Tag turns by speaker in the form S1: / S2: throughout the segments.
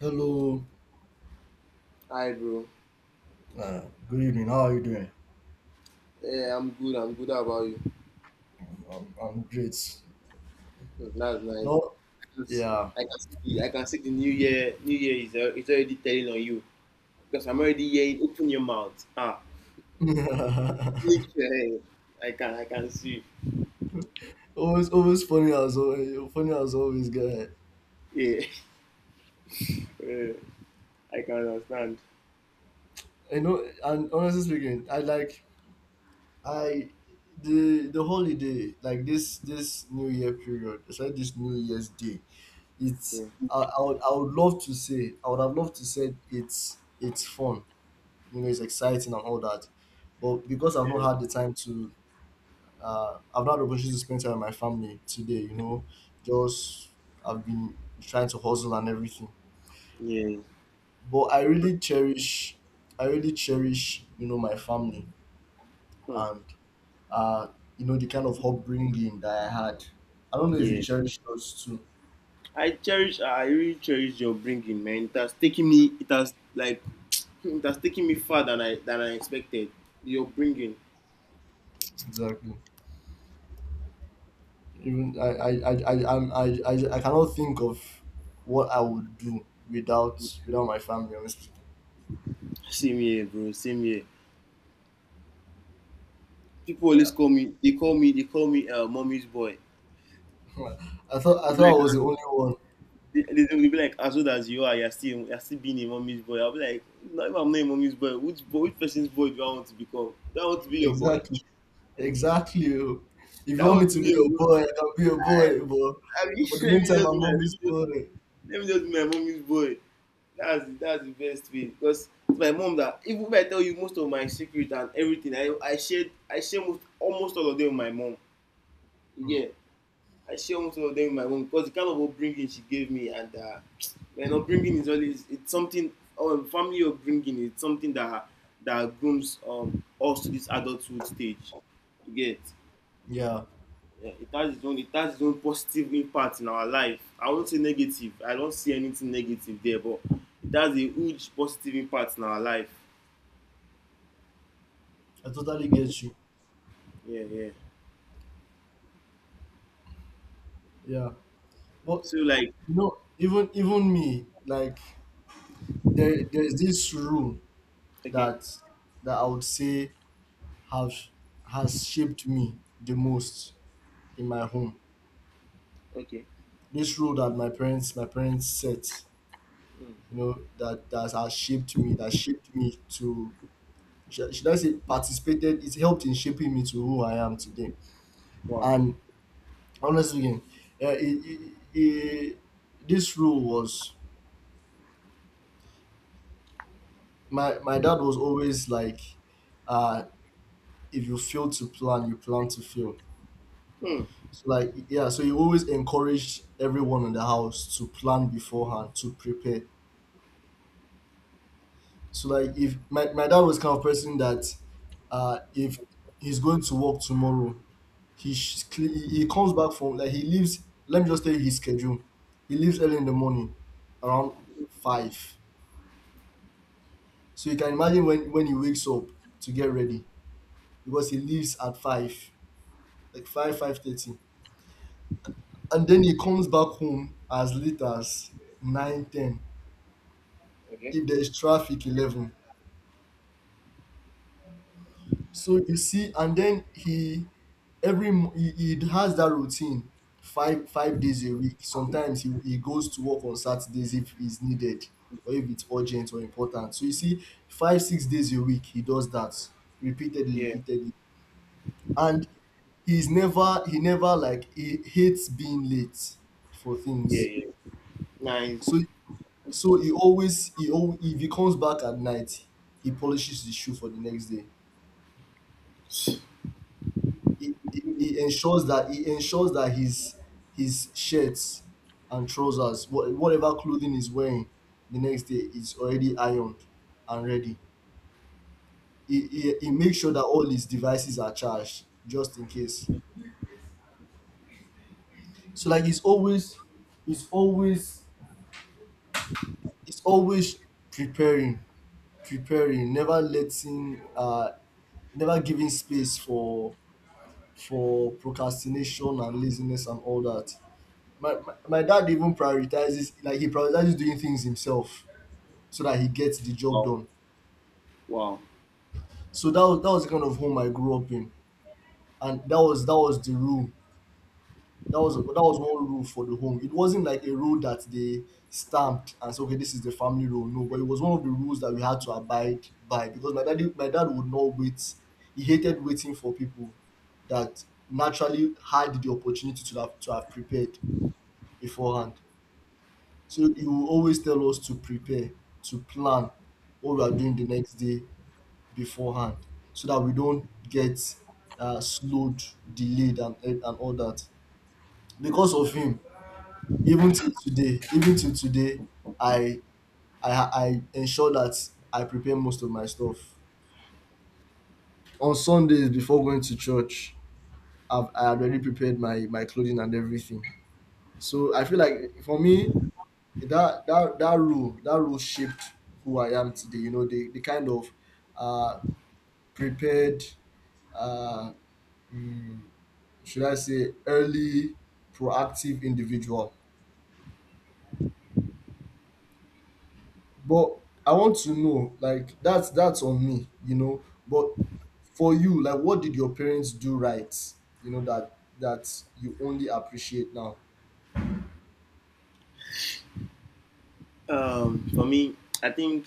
S1: Hello.
S2: Hi, bro.
S1: Uh, Good evening. How are you doing?
S2: Yeah, I'm good. How about you?
S1: I'm great.
S2: Oh, that's nice.
S1: No,
S2: I can see,
S1: yeah.
S2: I can see the new year. Is already telling on you because I'm already hearing. Open your mouth. Ah, blink your head. I can see.
S1: Always funny as always. Funny as always, guy.
S2: Yeah. Yeah. I can understand.
S1: And honestly speaking, I like I the holiday, like this New Year period. It's like this New Year's Day. It's
S2: Yeah.
S1: I would love to say I would have loved to say it's fun. It's exciting and all that. But because I've not had the time to, I've not had the opportunity to spend time with my family today, just I've been trying to hustle and everything.
S2: Yeah.
S1: But I really cherish, my family,
S2: Hmm.
S1: and, uh, the kind of upbringing that I had. I don't know if you
S2: Yeah.
S1: cherish those too.
S2: I really cherish your bringing, man. It has taken me. It has like. It has taken me far than I expected. Your bringing.
S1: Exactly. Even I cannot think of what I would do without my family, honestly.
S2: Same here, bro. Same here. People always
S1: Yeah.
S2: call me. They call me mommy's boy.
S1: I thought
S2: Like,
S1: I was the only one.
S2: they will be like, as old as you are, you're still being a mommy's boy. I'll be like, no, if I'm not a mommy's boy, which person's boy do I want to become? Do I want to be your boy?
S1: Exactly. Exactly. Oh. If
S2: Do
S1: you
S2: I
S1: want me
S2: want to
S1: to
S2: be
S1: be
S2: your
S1: your
S2: boy?
S1: boy, I can be your
S2: I,
S1: boy.
S2: I mean,
S1: But for the meantime, I'm mommy's boy.
S2: let me just be my mommy's boy. That's the best way because it's my mom that even if I tell you most of my secret and everything, I share most almost all of them with my mom.
S1: Hmm.
S2: Yeah, I share most of them with my mom because the kind of upbringing she gave me and man, upbringing is always it's something. Or family upbringing is something that grooms us to this adulthood stage. You get.
S1: Yeah,
S2: Yeah, it has its own positive impact in our life. I won't say negative. I don't see anything negative there, but it has a huge positive impact in our life.
S1: I totally get you.
S2: Yeah, yeah.
S1: Yeah, but
S2: So like
S1: even me, like, there's this rule
S2: okay,
S1: that I would say have has shaped me the most in my home.
S2: okay.
S1: This rule that my parents set,
S2: Mm.
S1: that has shaped me, that shaped me to, should I say, participated, it helped in shaping me to who I am today.
S2: Wow.
S1: And honestly, eh, eh, it, this rule was my, my dad was always like, uh, if you fail to plan, you plan to fail.
S2: Hmm.
S1: So, like, yeah, so he always encouraged everyone in the house to plan beforehand, to prepare. So, like, if my dad was kind of person that, if he's going to work tomorrow, he sh- cle- he comes back from like, he leaves. Let me just tell you his schedule. He leaves early in the morning, around 5. So you can imagine when he wakes up to get ready, because he leaves at 5, like five thirty, and then he comes back home as late as nine ten.
S2: Okay.
S1: If there is traffic, 11. So you see, and then he, every mo- he, he has that routine five five days a week. Sometimes he goes to work on Saturdays if it's needed or if it's urgent or important. So you see, 5, 6 days a week he does that repeatedly,
S2: Yeah,
S1: repeatedly, and he never, like, he hates being late for
S2: yeah,
S1: things.
S2: yeah. Nice.
S1: So he always, if he comes back at night, he polishes his shoe for the next day. He ensures that his shirts and trousers, whatever clothing he's wearing, the next day, is already ironed and ready. He makes sure that all his devices are charged, just in case. So, like, he's always he's always preparing, preparing, never letting, never giving space for procrastination and laziness and all that. My dad even prioritizes, like, he prioritizes doing things himself, so that he gets the job
S2: Wow.
S1: done.
S2: Wow.
S1: So that was the kind of home I grew up in, and that was the rule. That was one rule for the home. It wasn't like a rule that they stamped and said, okay, this is the family rule. No, but it was one of the rules that we had to abide by, because my dad would not wait. He hated waiting for people that naturally had the opportunity to have prepared beforehand. So he will always tell us to prepare, to plan what we are doing the next day beforehand, so that we don't get, slowed, delayed, and all that. Because of him, even till today, I I ensure that I prepare most of my stuff on Sundays before going to church. I had already prepared my clothing and everything. So I feel like, for me, that that role shaped who I am today. The kind of, uh, prepared, uh, mm, should I say, early, proactive individual. But I want to know, like, that's on me. But for you, like, what did your parents do right? You know that you only appreciate now.
S2: For me, I think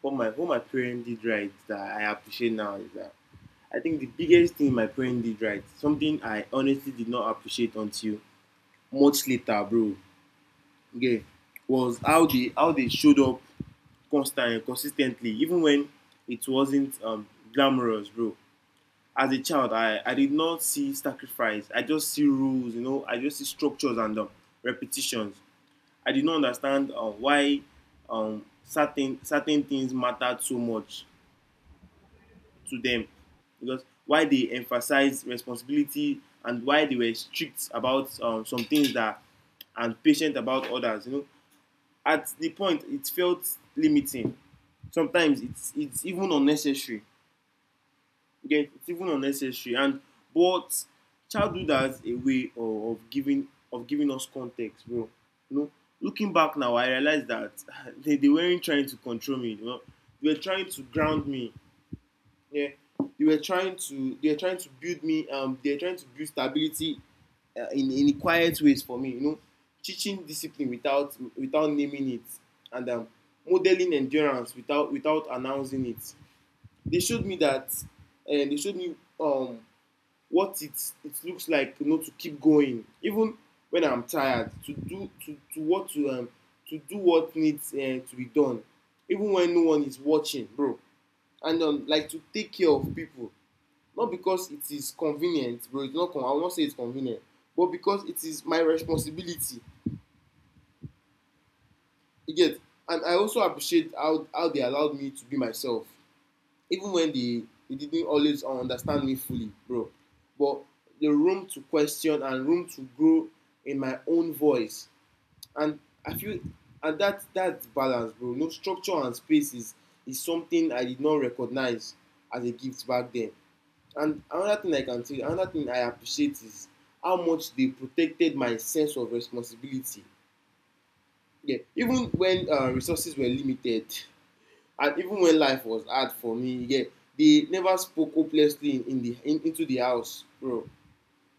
S2: what my parents did right that I appreciate now is that I think the biggest thing my parents did right, something I honestly did not appreciate until much later, bro. Okay, was how they showed up constant consistently, even when it wasn't glamorous, bro. As a child, I did not see sacrifice. I just see rules, you know. I just see structures and repetitions. I did not understand why certain certain things mattered so much to them because why they emphasized responsibility and why they were strict about some things that and patient about others. You know, at the point it felt limiting. Sometimes it's even unnecessary. You It's even unnecessary. And but childhood has a way of giving us context, bro. You know, looking back now, I realized that they weren't trying to control me. You know, they were trying to ground me. Yeah, they were trying to build me. They were trying to build stability in quiet ways for me. You know, teaching discipline without naming it, and modeling endurance without announcing it. They showed me that and they showed me what it looks like, you know, to keep going even when I'm tired, to what to do what needs to be done even when no one is watching, bro. And like to take care of people not because it is convenient, bro. It's not con I won't say it's convenient, but because it is my responsibility. You get. And I also appreciate how they allowed me to be myself even when they didn't always understand me fully, bro. But the room to question and room to grow in my own voice. And I feel and that's balance, bro. No, structure and space is something I did not recognize as a gift back then. And another thing I can tell you, another thing I appreciate is how much they protected my sense of responsibility. Yeah, even when resources were limited, and even when life was hard for me, yeah, they never spoke hopelessly in, into the house, bro.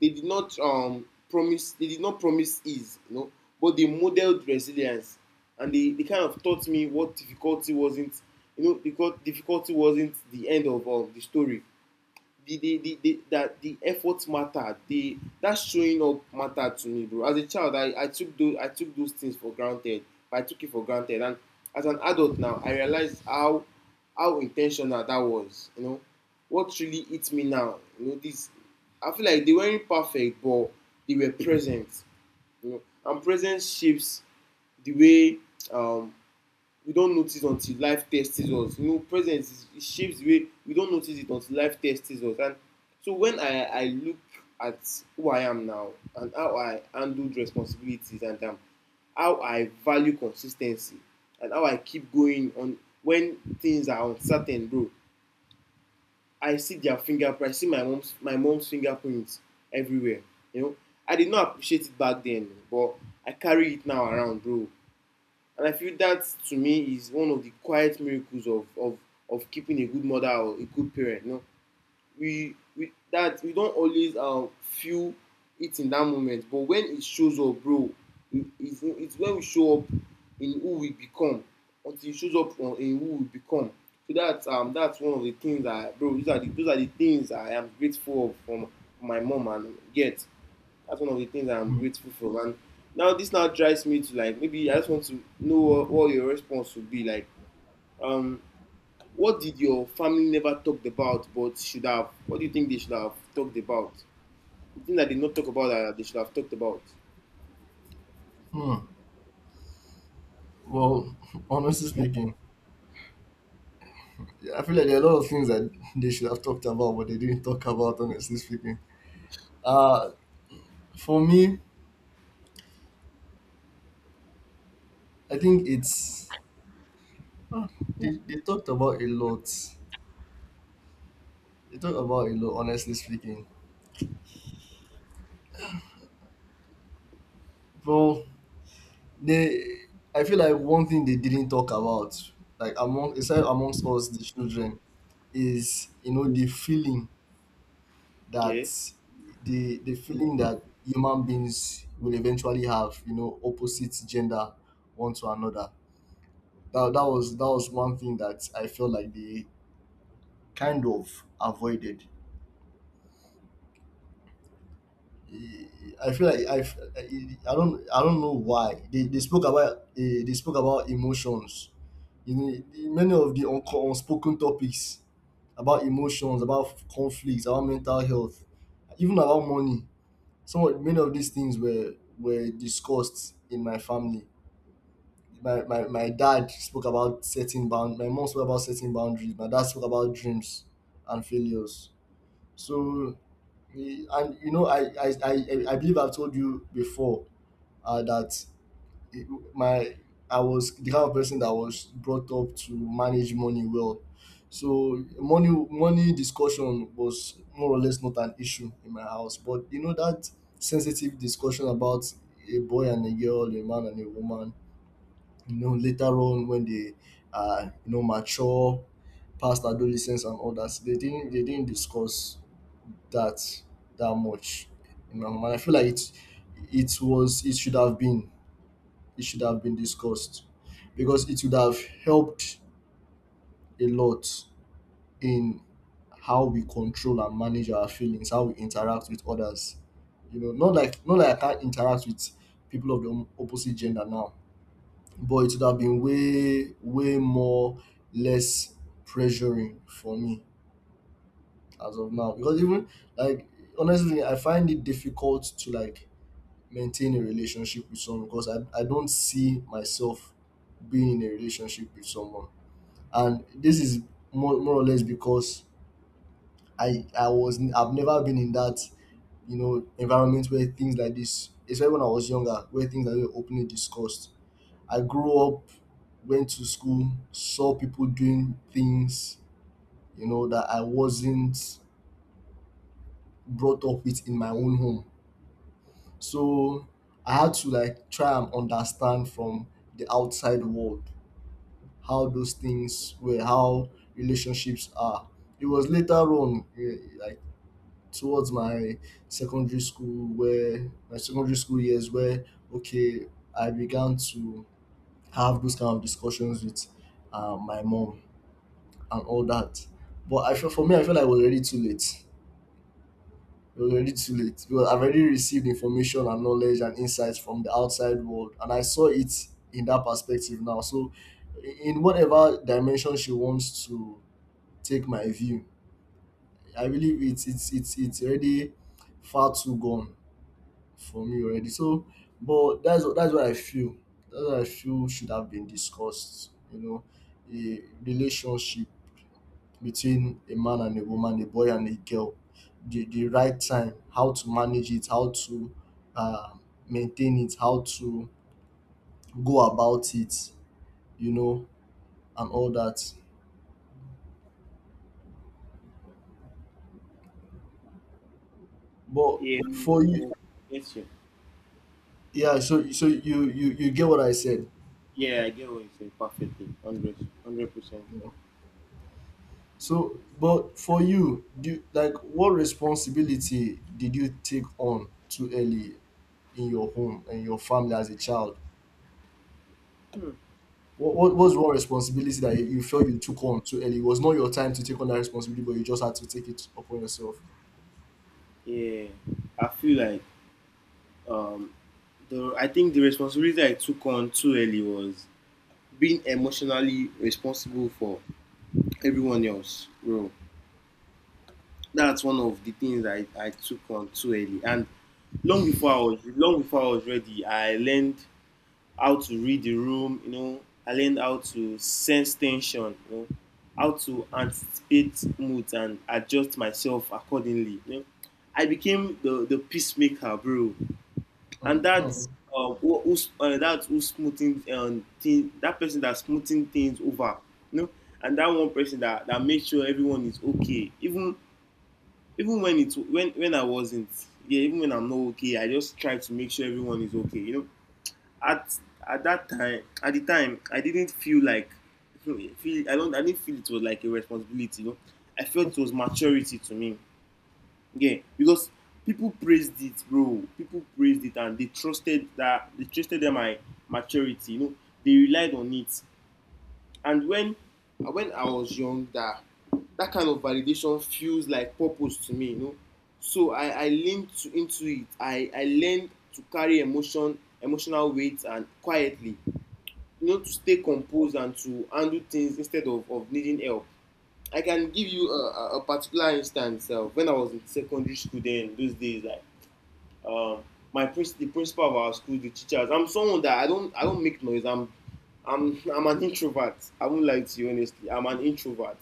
S2: They did not promise they did not promise ease, you know, but they modeled resilience, and they kind of taught me what difficulty wasn't. You know, because difficulty wasn't the end of the story. The efforts matter the that showing up mattered to me, bro. As a child, I took those I took those things for granted. I took it for granted. And as an adult now, I realize how intentional that was, you know. What really hits me now, you know, this, I feel like they weren't perfect, but they were present. You know, and presence shapes the way, um we don't notice until life tests us. You know, it shapes the way we don't notice it until life tests us. And so when I look at who I am now and how I handle responsibilities, and how I value consistency and how I keep going on when things are uncertain, bro, I see their fingerprint. I see my mom's fingerprints everywhere, you know. I did not appreciate it back then, but I carry it now around, bro. And I feel that to me is one of the quiet miracles of of keeping a good mother or a good parent. You know, we that we don't always feel it in that moment, but when it shows up, bro, it's when we show up in who we become until it shows up in who we become. So that's one of the things that, bro, those are the, those are the things I am grateful of from my mom and get. That's one of the things I'm
S1: Hmm.
S2: grateful for. And now this now drives me to, like, maybe I just want to know what, your response would be like. Um, what did your family never talked about but should have? What do you think they should have talked about? The thing that they not talk about that they should have talked about.
S1: Hmm. Well, honestly speaking, I feel like there are a lot of things that they should have talked about, but they didn't talk about. Honestly speaking, Uh, for me, I think ah, they talked about a lot. They talked about a lot, honestly speaking. Well, they I feel like one thing they didn't talk about, like, amongst us the children, is the feeling that
S2: Yeah,
S1: human beings will eventually have, opposite gender, one to another. That that was one thing that I felt like they kind of avoided. I feel like I do not I don't know why they spoke about, emotions, many of the unspoken topics, about emotions, about conflicts, about mental health, even about money. Many of these things were discussed in my family. My dad spoke about setting bound. My mom spoke about setting boundaries. My dad spoke about dreams and failures. So. And I believe I've told you before, that, it- my I was the kind of person that was brought up to manage money well, so money discussion was more or less not an issue in my house. But that sensitive discussion about a boy and a girl, a man and a woman, later on, when they, mature past adolescence and all that, they didn't discuss that that much in my home, and I feel like it was it should have been it should have been discussed, because it would have helped a lot in how we control and manage our feelings, how we interact with others. Not like not like I can't interact with people of the opposite gender now, but it would have been way way more less pressuring for me as of now, because even, like, honestly, I find it difficult to, like, maintain a relationship with someone, because I don't see myself being in a relationship with someone. And this is more or less because I've never been in that, environment where things like this, especially when I was younger, where things like this were openly discussed. I grew up, went to school, saw people doing things, that I wasn't brought up with in my own home. So I had to, like, try and understand from the outside world how those things were, how relationships are. It was later on, like, towards my secondary school years, where, okay, I began to have those kind of discussions with, my mom and all that. But I feel, for me, I feel like it was already too late. It was already too late, because I've already received information and knowledge and insights from the outside world, and I saw it in that perspective now. So, in whatever dimension she wants to take my view, I believe it's already far too gone for me already. So, but that's what I feel. That's what I feel should have been discussed. You know, a relationship between a man and a woman, a boy and a girl, the, right time, how to manage it, how to, uh, maintain it, how to go about it, you know, and all that. But
S2: yeah.
S1: for you,
S2: Um, yes, yeah. I get
S1: yeah, so you get what I said.
S2: Yeah, I get what you say perfectly. 100%.
S1: you know. So, but for you, like, what responsibility did you take on too early in your home and your family as a child? What was one responsibility that you felt you took on too early? It was not your time to take on that responsibility, but you just had to take it upon yourself.
S2: Yeah, I feel like um, the I think the responsibility I took on too early was being emotionally responsible for everyone else, bro. That's one of the things I took on too early. And long before I was ready, I learned how to read the room, you know. I learned how to sense tension, you know, how to anticipate moods and adjust myself accordingly. You know. I became the peacemaker, bro. And
S1: Mm,
S2: that's
S1: mhm.
S2: who, who's, that's who smoothing thing, that person that's smoothing things over, you know, and that one person that makes sure everyone is okay, even when I wasn't, yeah, even when I'm not okay, I just try to make sure everyone is okay. You know, at at that time, at the time, I didn't feel like feel I didn't feel it was like a responsibility. You know, I felt it was maturity to me. Yeah, because people praised it, bro. People praised it, and they trusted them my maturity. You know, they relied on it. And when I was young, that kind of validation feels like purpose to me, you know. So I leaned into it. I learned to carry emotion, emotional weight, and quietly, you know, to stay composed and to handle things instead of needing help. I can give you a, a particular instance when I was in secondary school. Then those days, like um, my the principal of our school, the teachers. I'm someone that I don't make noise. I'm an introvert. I won't lie to you, honestly. I'm an introvert,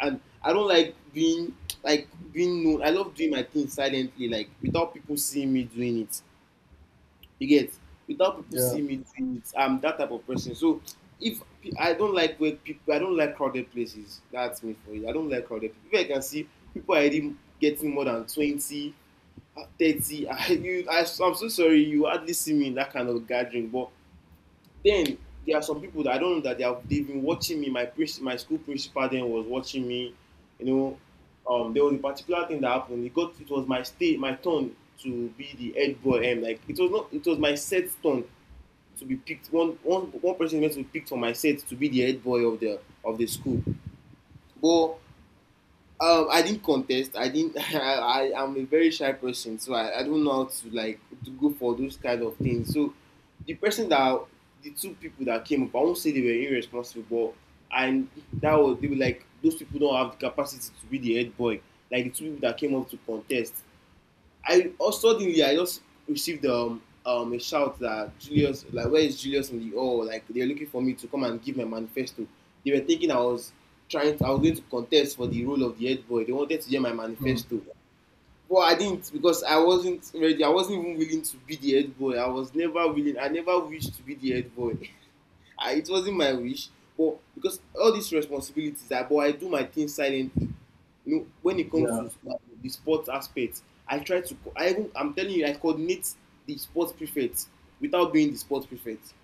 S2: and I don't like being, like, being known. I love doing my thing silently, like without people seeing me doing it. You get. Without people
S1: Yeah.
S2: seeing me doing it. I'm that type of person. So if pe- I don't like where people, I don't like crowded places. That's me for you. I don't like crowded people. If I can see people are already getting more than 20, 30, I'm so sorry you hardly see me in that kind of gathering, but then there are some people that I don't know that they have been watching me. My princ my school principal then was watching me, you know. There was a particular thing that happened. It was my turn to be the head boy. And like it was not, it was my set turn to be picked. One person was meant to be picked for my set to be the head boy of the school, but I didn't contest. I didn't. I am a very shy person, so I don't know how to like to go for those kind of things. So the person that the two people that came up, I won't say they were irresponsible, but and that was, they were like, those people don't have the capacity to be the head boy. Like the two people that came up to contest, suddenly I just received a shout that Julius, like where is Julius, in the oh like they're looking for me to come and give my manifesto. They were thinking I was I was going to contest for the role of the head boy. They wanted to hear my
S1: Mm.
S2: manifesto. But I didn't, because I wasn't ready. I wasn't even willing to be the head boy. I was never willing. I never wished to be the head boy. It wasn't my wish. But because all these responsibilities, I, but I do my thing silently, you know, when it comes
S1: Yeah.
S2: to the sports aspect, I try to, I'm telling you, I coordinate the sports prefect without being the sports prefect.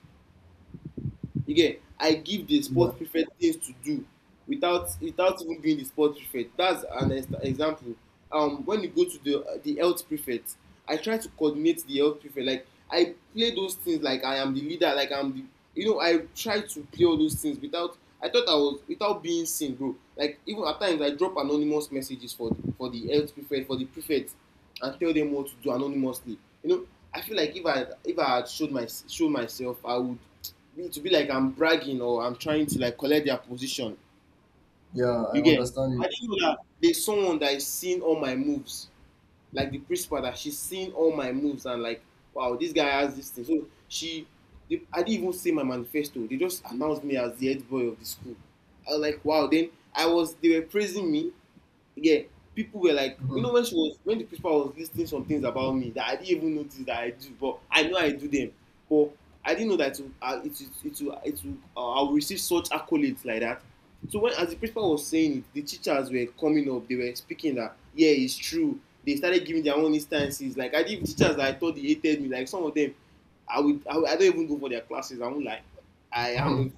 S2: Again, I give the
S1: Yeah.
S2: sport prefect things to do without even being the sport prefect. That's an example. When you go to the health prefect, I try to coordinate the health prefect. Like I play those things like I am the leader. Like I'm the, you know, I try to play all those things without. I thought I was without being seen, bro. Like even at times I drop anonymous messages for the health prefect for the prefect, and tell them what to do anonymously. You know, I feel like if I had showed myself, I would me to be like I'm bragging, or I'm trying to like collect their position.
S1: Yeah. I
S2: You get?
S1: understand
S2: I
S1: you.
S2: didn't know that there's someone that is seeing all my moves, like the principal, that she's seeing all my moves, and like, wow, this guy has this thing. So they, I didn't even say my manifesto. They just announced me as the head boy of the school. I was like, wow. Then I was, they were praising me, yeah, people were like, you
S1: Mhm,
S2: know, when she was when the principal was listing some things about me that I didn't even notice that I do, but I know I do them, but I didn't know that it will, it will, it will, it will I'll receive such accolades like that. So when as the principal was saying it, the teachers were coming up, they were speaking that yeah, it's true. They started giving their own instances. Like I did with teachers that I thought they hated me. Like some of them, I don't even go for their classes. I won't lie. I
S1: mhm,
S2: am,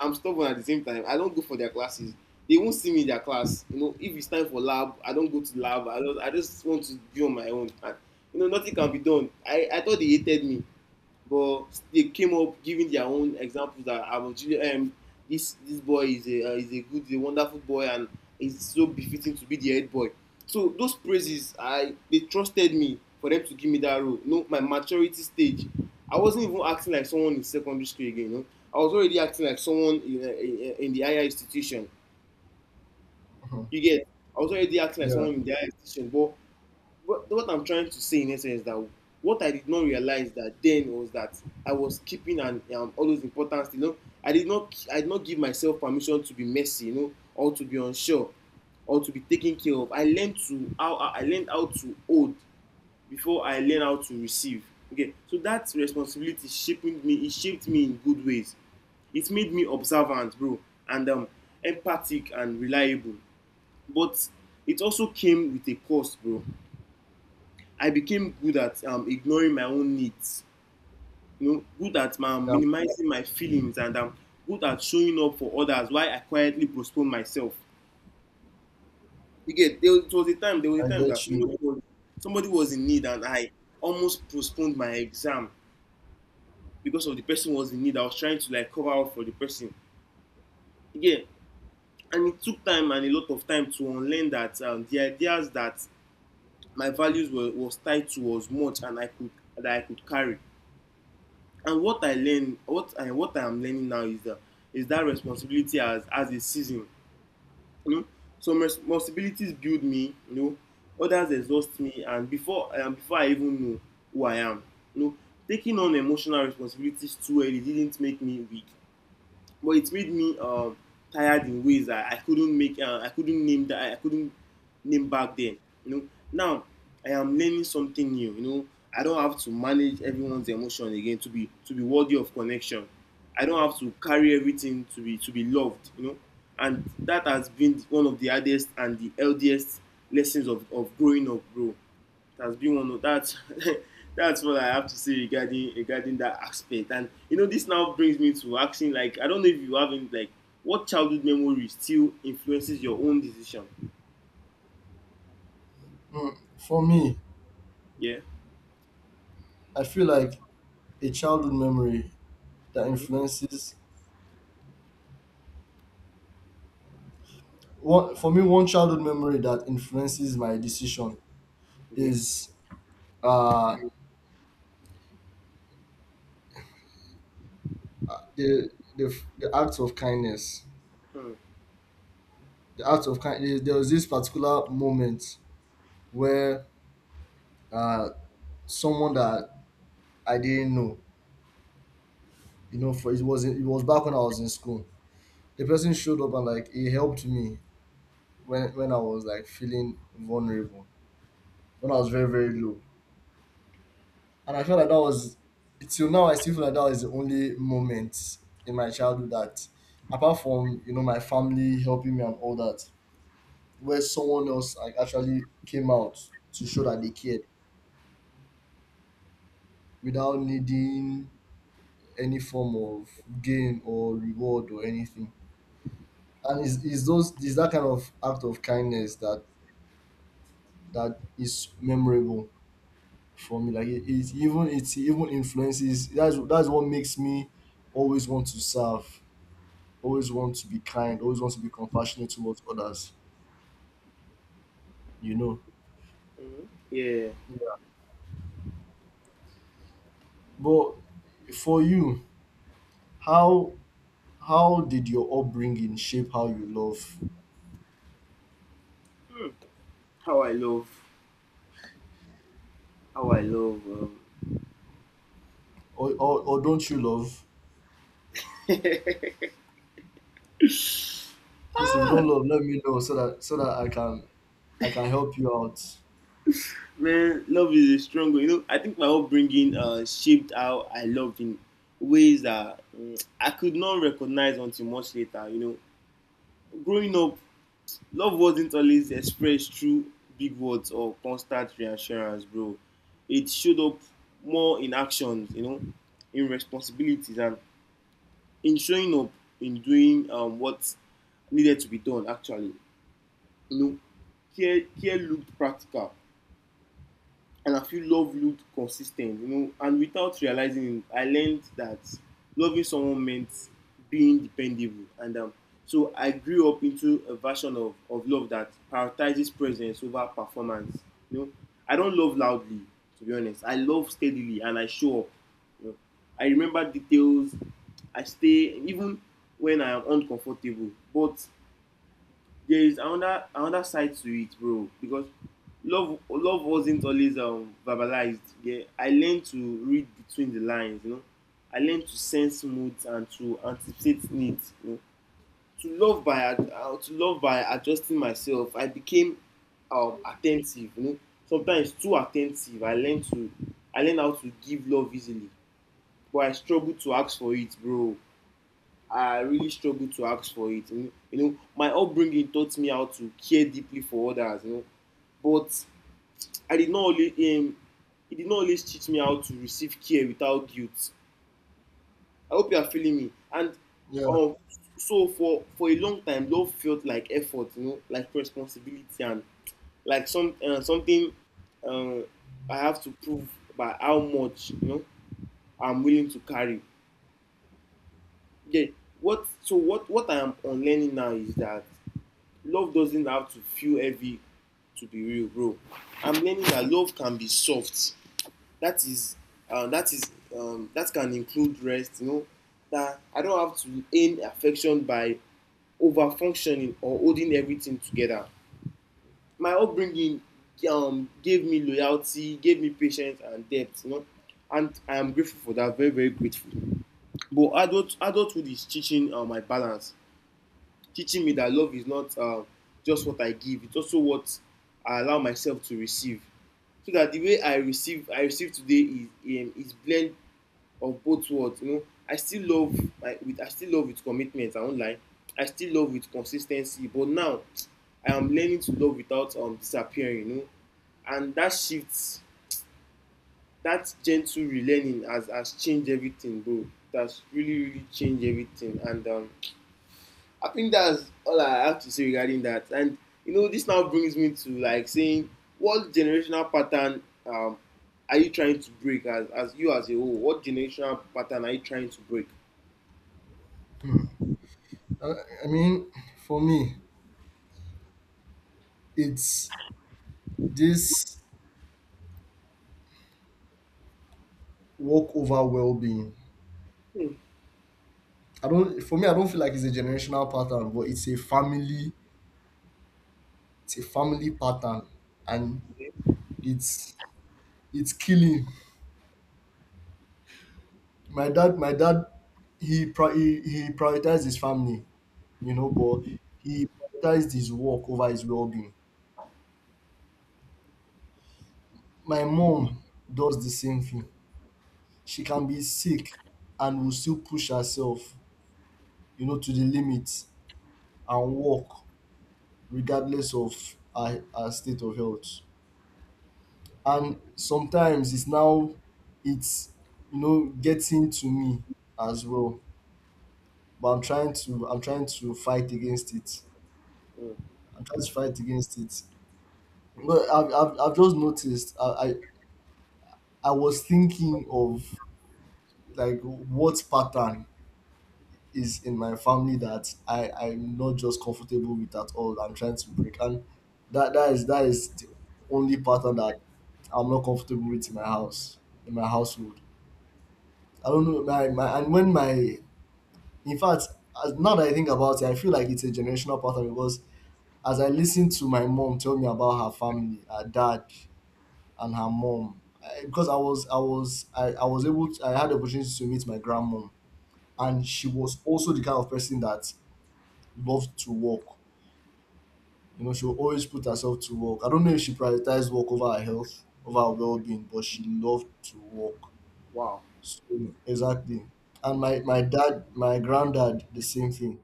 S2: I'm stubborn at the same time. I don't go for their classes, they won't see me in their class. You know, if it's time for lab, I don't go to lab. I just want to be on my own. And, you know, nothing can be done. I thought they hated me, but they came up giving their own examples that I was, this boy is a is a wonderful boy, and is so befitting to be the head boy. So those praises, I, they trusted me for them to give me that role. You know, my maturity stage, I wasn't even acting like someone in secondary school again. You know, I was already acting like someone in, in the higher institution.
S1: mhm.
S2: You get, I was already acting like
S1: Yeah.
S2: someone in the higher institution, but what I'm trying to say in essence is that what I did not realize that then was that I was keeping an all those importance. You know, I did not give myself permission to be messy, you know, or to be unsure, or to be taken care of. I learned how to hold before I learned how to receive. Okay, so that responsibility shaping me. It shaped me in good ways. It made me observant, bro, and empathic and reliable, but it also came with a cost, bro. I became good at ignoring my own needs, you know, good at
S1: Yeah.
S2: minimizing my feelings, and good at showing up for others while I quietly postponed myself. You get, it was a time,
S1: I
S2: that
S1: get you.
S2: somebody was, somebody was in need, and I almost postponed my exam because of the person was in need. I was trying to like cover up for the person, you get. And it took time and a lot of time to unlearn that, the ideas that my values were was tied to as much and I could, that I could carry. And what I learned, what I am learning now is that, is that responsibility as a season. You know, some responsibilities build me. You know, others exhaust me, and before before I even know who I am, you know, taking on emotional responsibilities too early didn't make me weak, but it made me tired in ways that I couldn't name that, I couldn't name back then. You know, now I am learning something new. You know, I don't have to manage everyone's emotion again to be worthy of connection. I don't have to carry everything to be loved. You know, and that has been one of the hardest and the healthiest lessons of growing up, bro. That's been one of that's That's what I have to say regarding regarding that aspect. And you know, this now brings me to asking like, I don't know if you have not like, what childhood memory still influences your own decision.
S1: Mm, for me,
S2: Yeah.
S1: I feel like a childhood memory that
S2: Hmm.
S1: influences one for me one childhood memory that influences my decision
S2: Okay.
S1: is uh
S2: Hmm.
S1: the the act of kindness.
S2: Hmm.
S1: The act of kindness, there was this particular moment where uh someone that I didn't know, you know, for it was back when I was in school. The person showed up and, like, he helped me when I was, like, feeling vulnerable, when I was very very low, and I felt like that was till now I still feel like that was the only moment in my childhood that, apart from, you know, my family helping me and all that, where someone else, like, actually came out to show that they cared without needing any form of gain or reward or anything. And it's that kind of act of kindness that is memorable for me. Like it even influences. That's what makes me always want to serve, always want to be kind, always want to be compassionate towards others. You know.
S2: Yeah.
S1: Yeah. But for you, how how did your upbringing shape how you love,
S2: Hmm. How I love. How I love.
S1: or or don't you love? Please, if you
S2: Ah,
S1: don't love, let me know so that I can help you out.
S2: man, love is a strong one. You know, I think my upbringing shaped how I loved in ways that I could not recognize until much later. You know, growing up, love wasn't always expressed through big words or constant reassurance, bro. It showed up more in actions, you know, in responsibilities and in showing up, in doing what needed to be done, actually. You know, care looked practical, and I feel love looked consistent, you know. And without realizing it, I learned that loving someone meant being dependable. And so I grew up into a version of love that prioritizes presence over performance. You know, I don't love loudly, to be honest. I love steadily, and I show up. You know, I remember details. I stay even when I am uncomfortable, but there is another, another side to it, bro, because love wasn't always verbalized, yeah. I learned to read between the lines, you know. I learned to sense moods and to anticipate needs, you know, to love by, to love by adjusting myself. I became attentive, you know, sometimes too attentive. I learned how to give love easily, but I struggled to ask for it, bro. I really struggled to ask for it. You know, my upbringing taught me how to care deeply for others. You know, but I did not only um, it did not always teach me how to receive care without guilt. I hope you are feeling me. And
S1: Yeah.
S2: um, so for a long time, love felt like effort. You know, like responsibility, and like something, uh, I have to prove by how much, you know, I'm willing to carry. Yeah. What so what I am unlearning now is that love doesn't have to feel heavy to be real, bro. I'm learning that love can be soft. That is, uh, that is, that can include rest. You know, that I don't have to earn affection by over functioning or holding everything together. My upbringing gave me loyalty, gave me patience and depth. You know, and I am grateful for that. Very, very grateful. But adulthood is teaching my balance, teaching me that love is not just what I give; it's also what I allow myself to receive. So that the way I I receive today is blend of both words. You know, I still love my, with I still love with commitment. I won't lie. I still love with consistency. But now, I am learning to love without disappearing. You know, and that shift, that gentle relearning has changed everything, bro. That's really changed everything. And I think that's all I have to say regarding that. And you know, this now brings me to like saying, what generational pattern are you trying to break as you as a whole? What generational pattern are you trying to break?
S1: Hmm. I, I mean, for me, it's this work over well-being.
S2: Hmm.
S1: I don't. For me, I don't feel like it's a generational pattern, but it's a family. It's a family pattern, and
S2: Hmm.
S1: it's it's killing. My dad. My dad. He prioritized his family, you know, but he prioritized his work over his well-being. My mom does the same thing. She can be sick and will still push herself, you know, to the limit, and work regardless of her, her state of health. And sometimes it's now it's, you know, getting to me as well. But I'm trying to fight against it. I'm trying to fight against it. But I've just noticed I was thinking of, like, what pattern is in my family that I'm not just comfortable with at all. I'm trying to break, and that is the only pattern that I'm not comfortable with in my house, in my household. I don't know my, my and when my in fact, as- now that I think about it, I feel like it's a generational pattern, because as I listen to my mom tell me about her family, her dad, and her mom, because I was able to, I had the opportunity to meet my grandmom,
S2: Hmm.
S1: and she was also the kind of person that loved to work. You know, she would always put herself to work. I don't know if she prioritized work over her health, over her well being, but she loved to work.
S2: Wow.
S1: So, exactly. And my dad, my granddad, the same thing.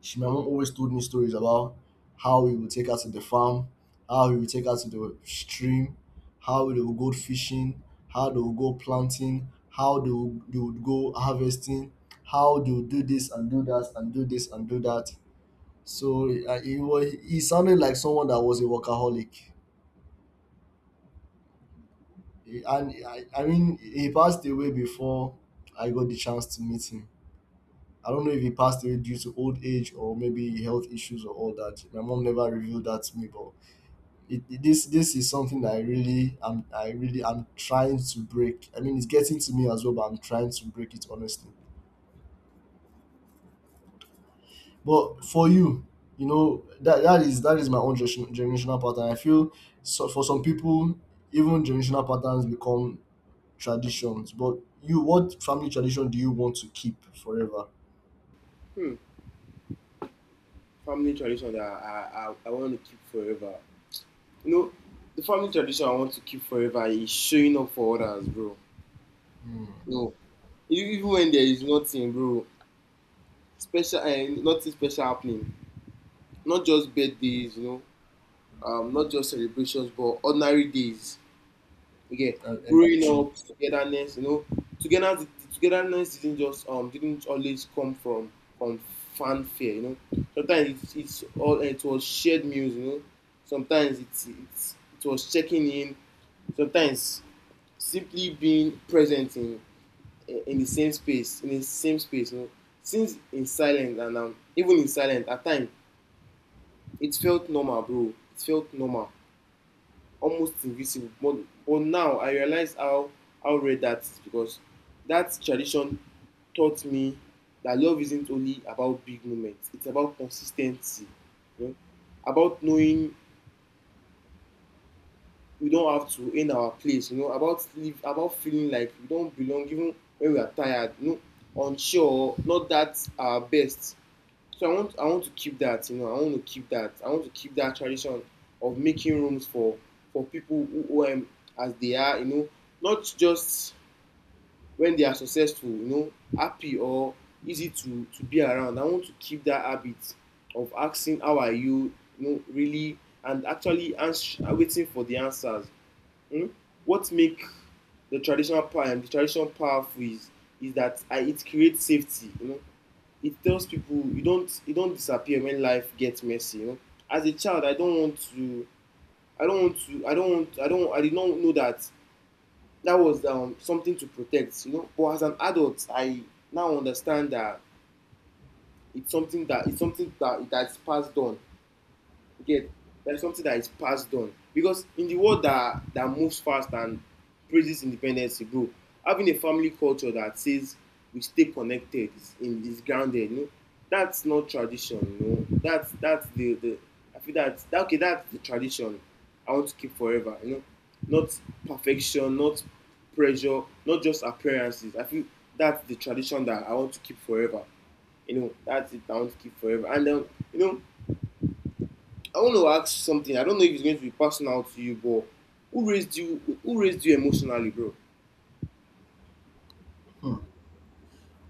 S1: She, my mom always told me stories about how he would take her to the farm, how he would take her to the stream, how they would go fishing, how they would go planting, how they would go harvesting, how they would do this and do that and do this and do that. So he sounded like someone that was a workaholic. I mean, he passed away before I got the chance to meet him. I don't know if he passed away due to old age or maybe health issues or all that. My mom never revealed that to me, but this is something that I really am trying to break. I mean, it's getting to me as well, but I'm trying to break it honestly. But for you, you know, that is my own generation- generational pattern. I feel so for some people, even generational patterns become traditions. But you, what family tradition do you want to keep forever?
S2: Hmm. Family tradition that I want to keep forever. You know, the family tradition I want to keep forever is showing up for others, bro.
S1: Hmm.
S2: You know, even when there is nothing, bro, special and nothing special happening, not just birthdays, you know, not just celebrations but ordinary days. Again,
S1: And- and
S2: growing
S1: teaching.
S2: up, togetherness. You know, togetherness, togetherness didn't always come from fanfare. You know, sometimes it was shared meals. You know, sometimes it was checking in. Sometimes simply being present in the same space in the same space. You know, since in silence and even in silence at times it felt normal, bro. It felt normal. Almost invisible, but now I realize how rare that is because that tradition taught me that love isn't only about big moments, it's about consistency, you know, about knowing we don't have to end our place, you know, about live, about feeling like we don't belong even when we are tired, you know, unsure, not that our best. So I want to keep that, you know, I want to keep that. I want to keep that tradition of making rooms for people who, who as they are, you know, not just when they are successful, you know, happy or easy to be around. I want to keep that habit of asking how are you, you know, really and actually waiting for the answers. Hmm? What make the traditional power the traditional powerful is is that it creates safety, you know, it tells people you don't disappear when life gets messy. You know? As a child, I don't want to. I don't want to. I don't want. I don't. I did not know that that was something to protect. You know. But as an adult, I now understand that it's something that it's something that that's passed on. Again, that is something that is passed on because in the world that that moves fast and praises independence, bro, having a family culture that says we stay connected is in is grounded. You know, that's not tradition. You know, that's the I feel that that, okay, that's the tradition I want to keep forever. You know, not perfection, not pressure, not just appearances. I feel that's the tradition that I want to keep forever. You know, that's it I want to keep forever. And you know, I want to ask something. I don't know if it's going to be personal to you, but who raised you? Who raised you emotionally, bro?
S1: Hmm.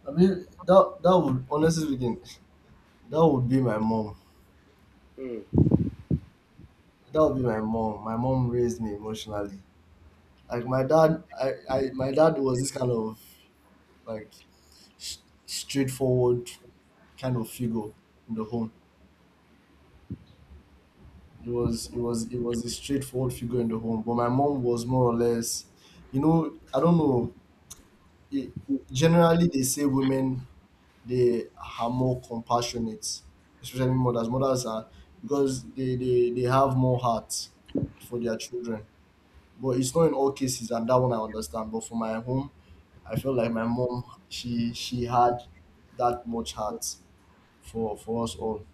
S1: I mean, that would, honestly speaking, that would be my mom.
S2: Mm,
S1: That would be my mom. My mom raised me emotionally. Like my dad, I my dad was this kind of, like, s- straightforward kind of figure in the home. It was a straightforward figure in the home, but my mom was more or less, you know, I don't know. It, generally, they say women they are more compassionate, especially mothers. Mothers are, because they have more heart for their children. But it's not in all cases, and that one I understand. But for my home, I feel like my mom, she had that much heart for us all,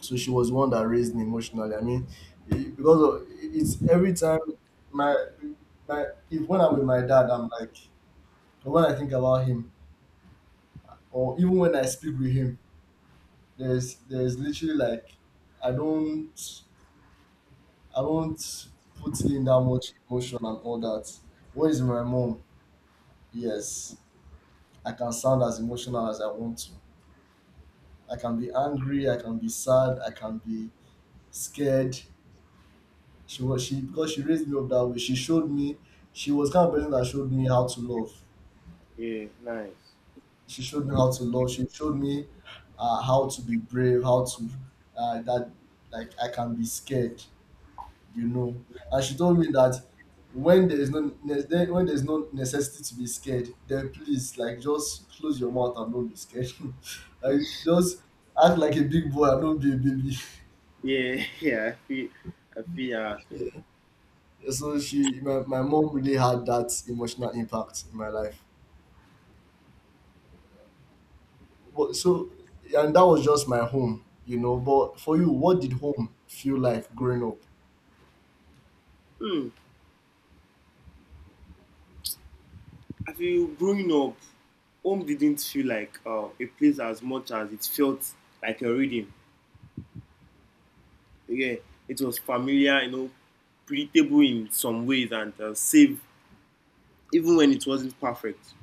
S1: so she was the one that raised me emotionally. I mean, it- because of, it's every time my my if when I'm with my dad, I'm like when I think about him, or even when I speak with him, there's literally like I don't I don't put in that much emotion and all that. What is my mom? Yes, I can sound as emotional as I want to. I can be angry, I can be sad, I can be scared. She, because she raised me up that way. She showed me, she was kind of person that showed me how to love.
S2: yeah, nice.
S1: She showed me how to love. She showed me how to be brave, how to that, like, I can be scared, you know. And she told me that when there's no necessity to be scared, then please, like, just close your mouth and don't be scared. Like, just act like a big boy and don't be a baby.
S2: Yeah, yeah, I feel your aspect.
S1: Yeah. So, she, my mom really had that emotional impact in my life. But so, and that was just my home, you know. But for you, what did home feel like growing up?
S2: Mm. I feel growing up, home didn't feel like a place as much as it felt like a reading. Yeah, it was familiar, you know, predictable in some ways and safe, even when it wasn't perfect.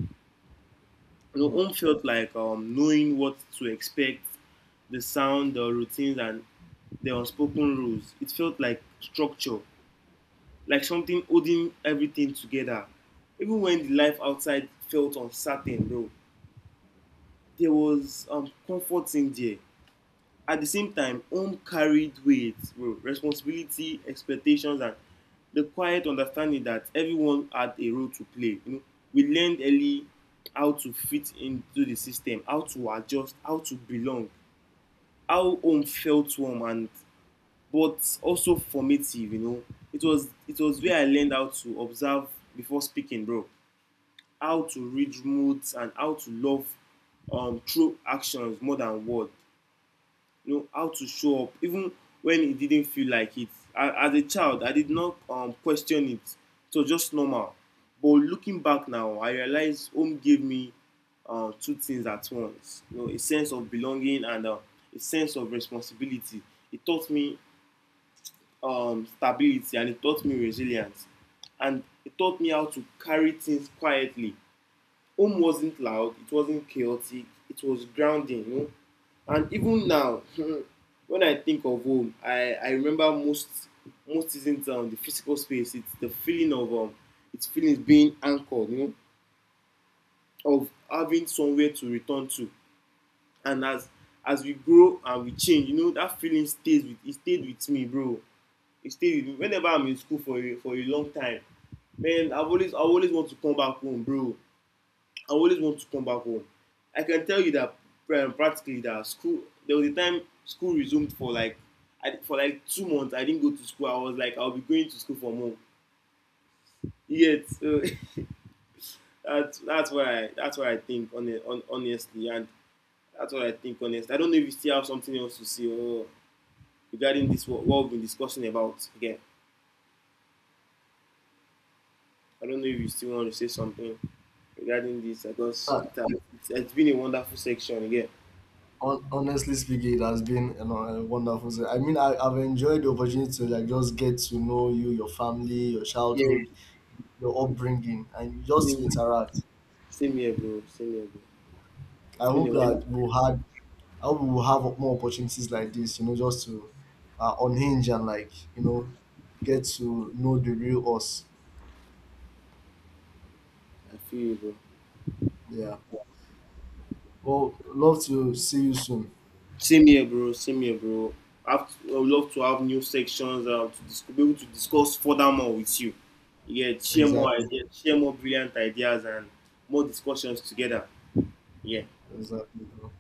S2: So
S1: Mm.
S2: home felt like knowing what to expect, the sound, the routines, and the unspoken rules. It felt like structure, like something holding everything together. Even when the life outside felt uncertain, though, there was comfort in there. At the same time, home carried weight, well, responsibility, expectations, and the quiet understanding that everyone had a role to play. You know, we learned early how to fit into the system, how to adjust, how to belong, how home felt warm and but also formative. You know, it was where I learned how to observe before speaking, bro, how to read moods and how to love through actions more than words. You know, how to show up even when it didn't feel like it. As a child, I did not question it, so just normal. But looking back now, I realize home gave me two things at once. You know, a sense of belonging and a sense of responsibility. It taught me stability, and it taught me resilience, and it taught me how to carry things quietly. Home wasn't loud, it wasn't chaotic, it was grounding, you know. And even now when I think of home, I remember most, most isn't the physical space, it's the feeling of it's feeling being anchored, you know, of having somewhere to return to. And as we grow and we change, you know, that feeling stays with, it stayed with me, bro. It stayed with me whenever I'm in school for a long time, man. I always want to come back home, bro. I always want to come back home. I can tell you that practically that school. There was a time school resumed for like, I, for like 2 months. I didn't go to school. I was like, I'll be going to school from home. Yet, so that's what I think on honestly, and that's what I think honestly. I don't know if you still have something else to say or regarding this, what we've been discussing about again. I don't know if you still want to say something regarding this. I guess
S1: Uh,
S2: it has, it's been a wonderful section again.
S1: hon- honestly speaking, it has been, you know, a wonderful. Se- I mean, I've enjoyed the opportunity to, like, just get to know you, your family, your
S2: Yeah,
S1: childhood, your upbringing, and just to
S2: same,
S1: interact.
S2: same here, bro. Same here, bro. It's
S1: I
S2: been
S1: hope
S2: a while.
S1: that we'll had, I hope we'll have more opportunities like this, you know, just to unhinge and, like, you know, get to know the real us.
S2: I feel you, bro.
S1: Yeah. Well, love to see you soon.
S2: Same here, bro. Same here, bro. Have to, I would love to have new sections to be able to discuss further more with you. Yeah, share more
S1: Exactly.
S2: ideas, share more brilliant ideas, and more discussions together. Yeah.
S1: Exactly, bro.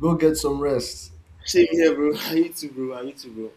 S1: Go get some rest.
S2: Same here, bro. I need to, bro. I need to, bro.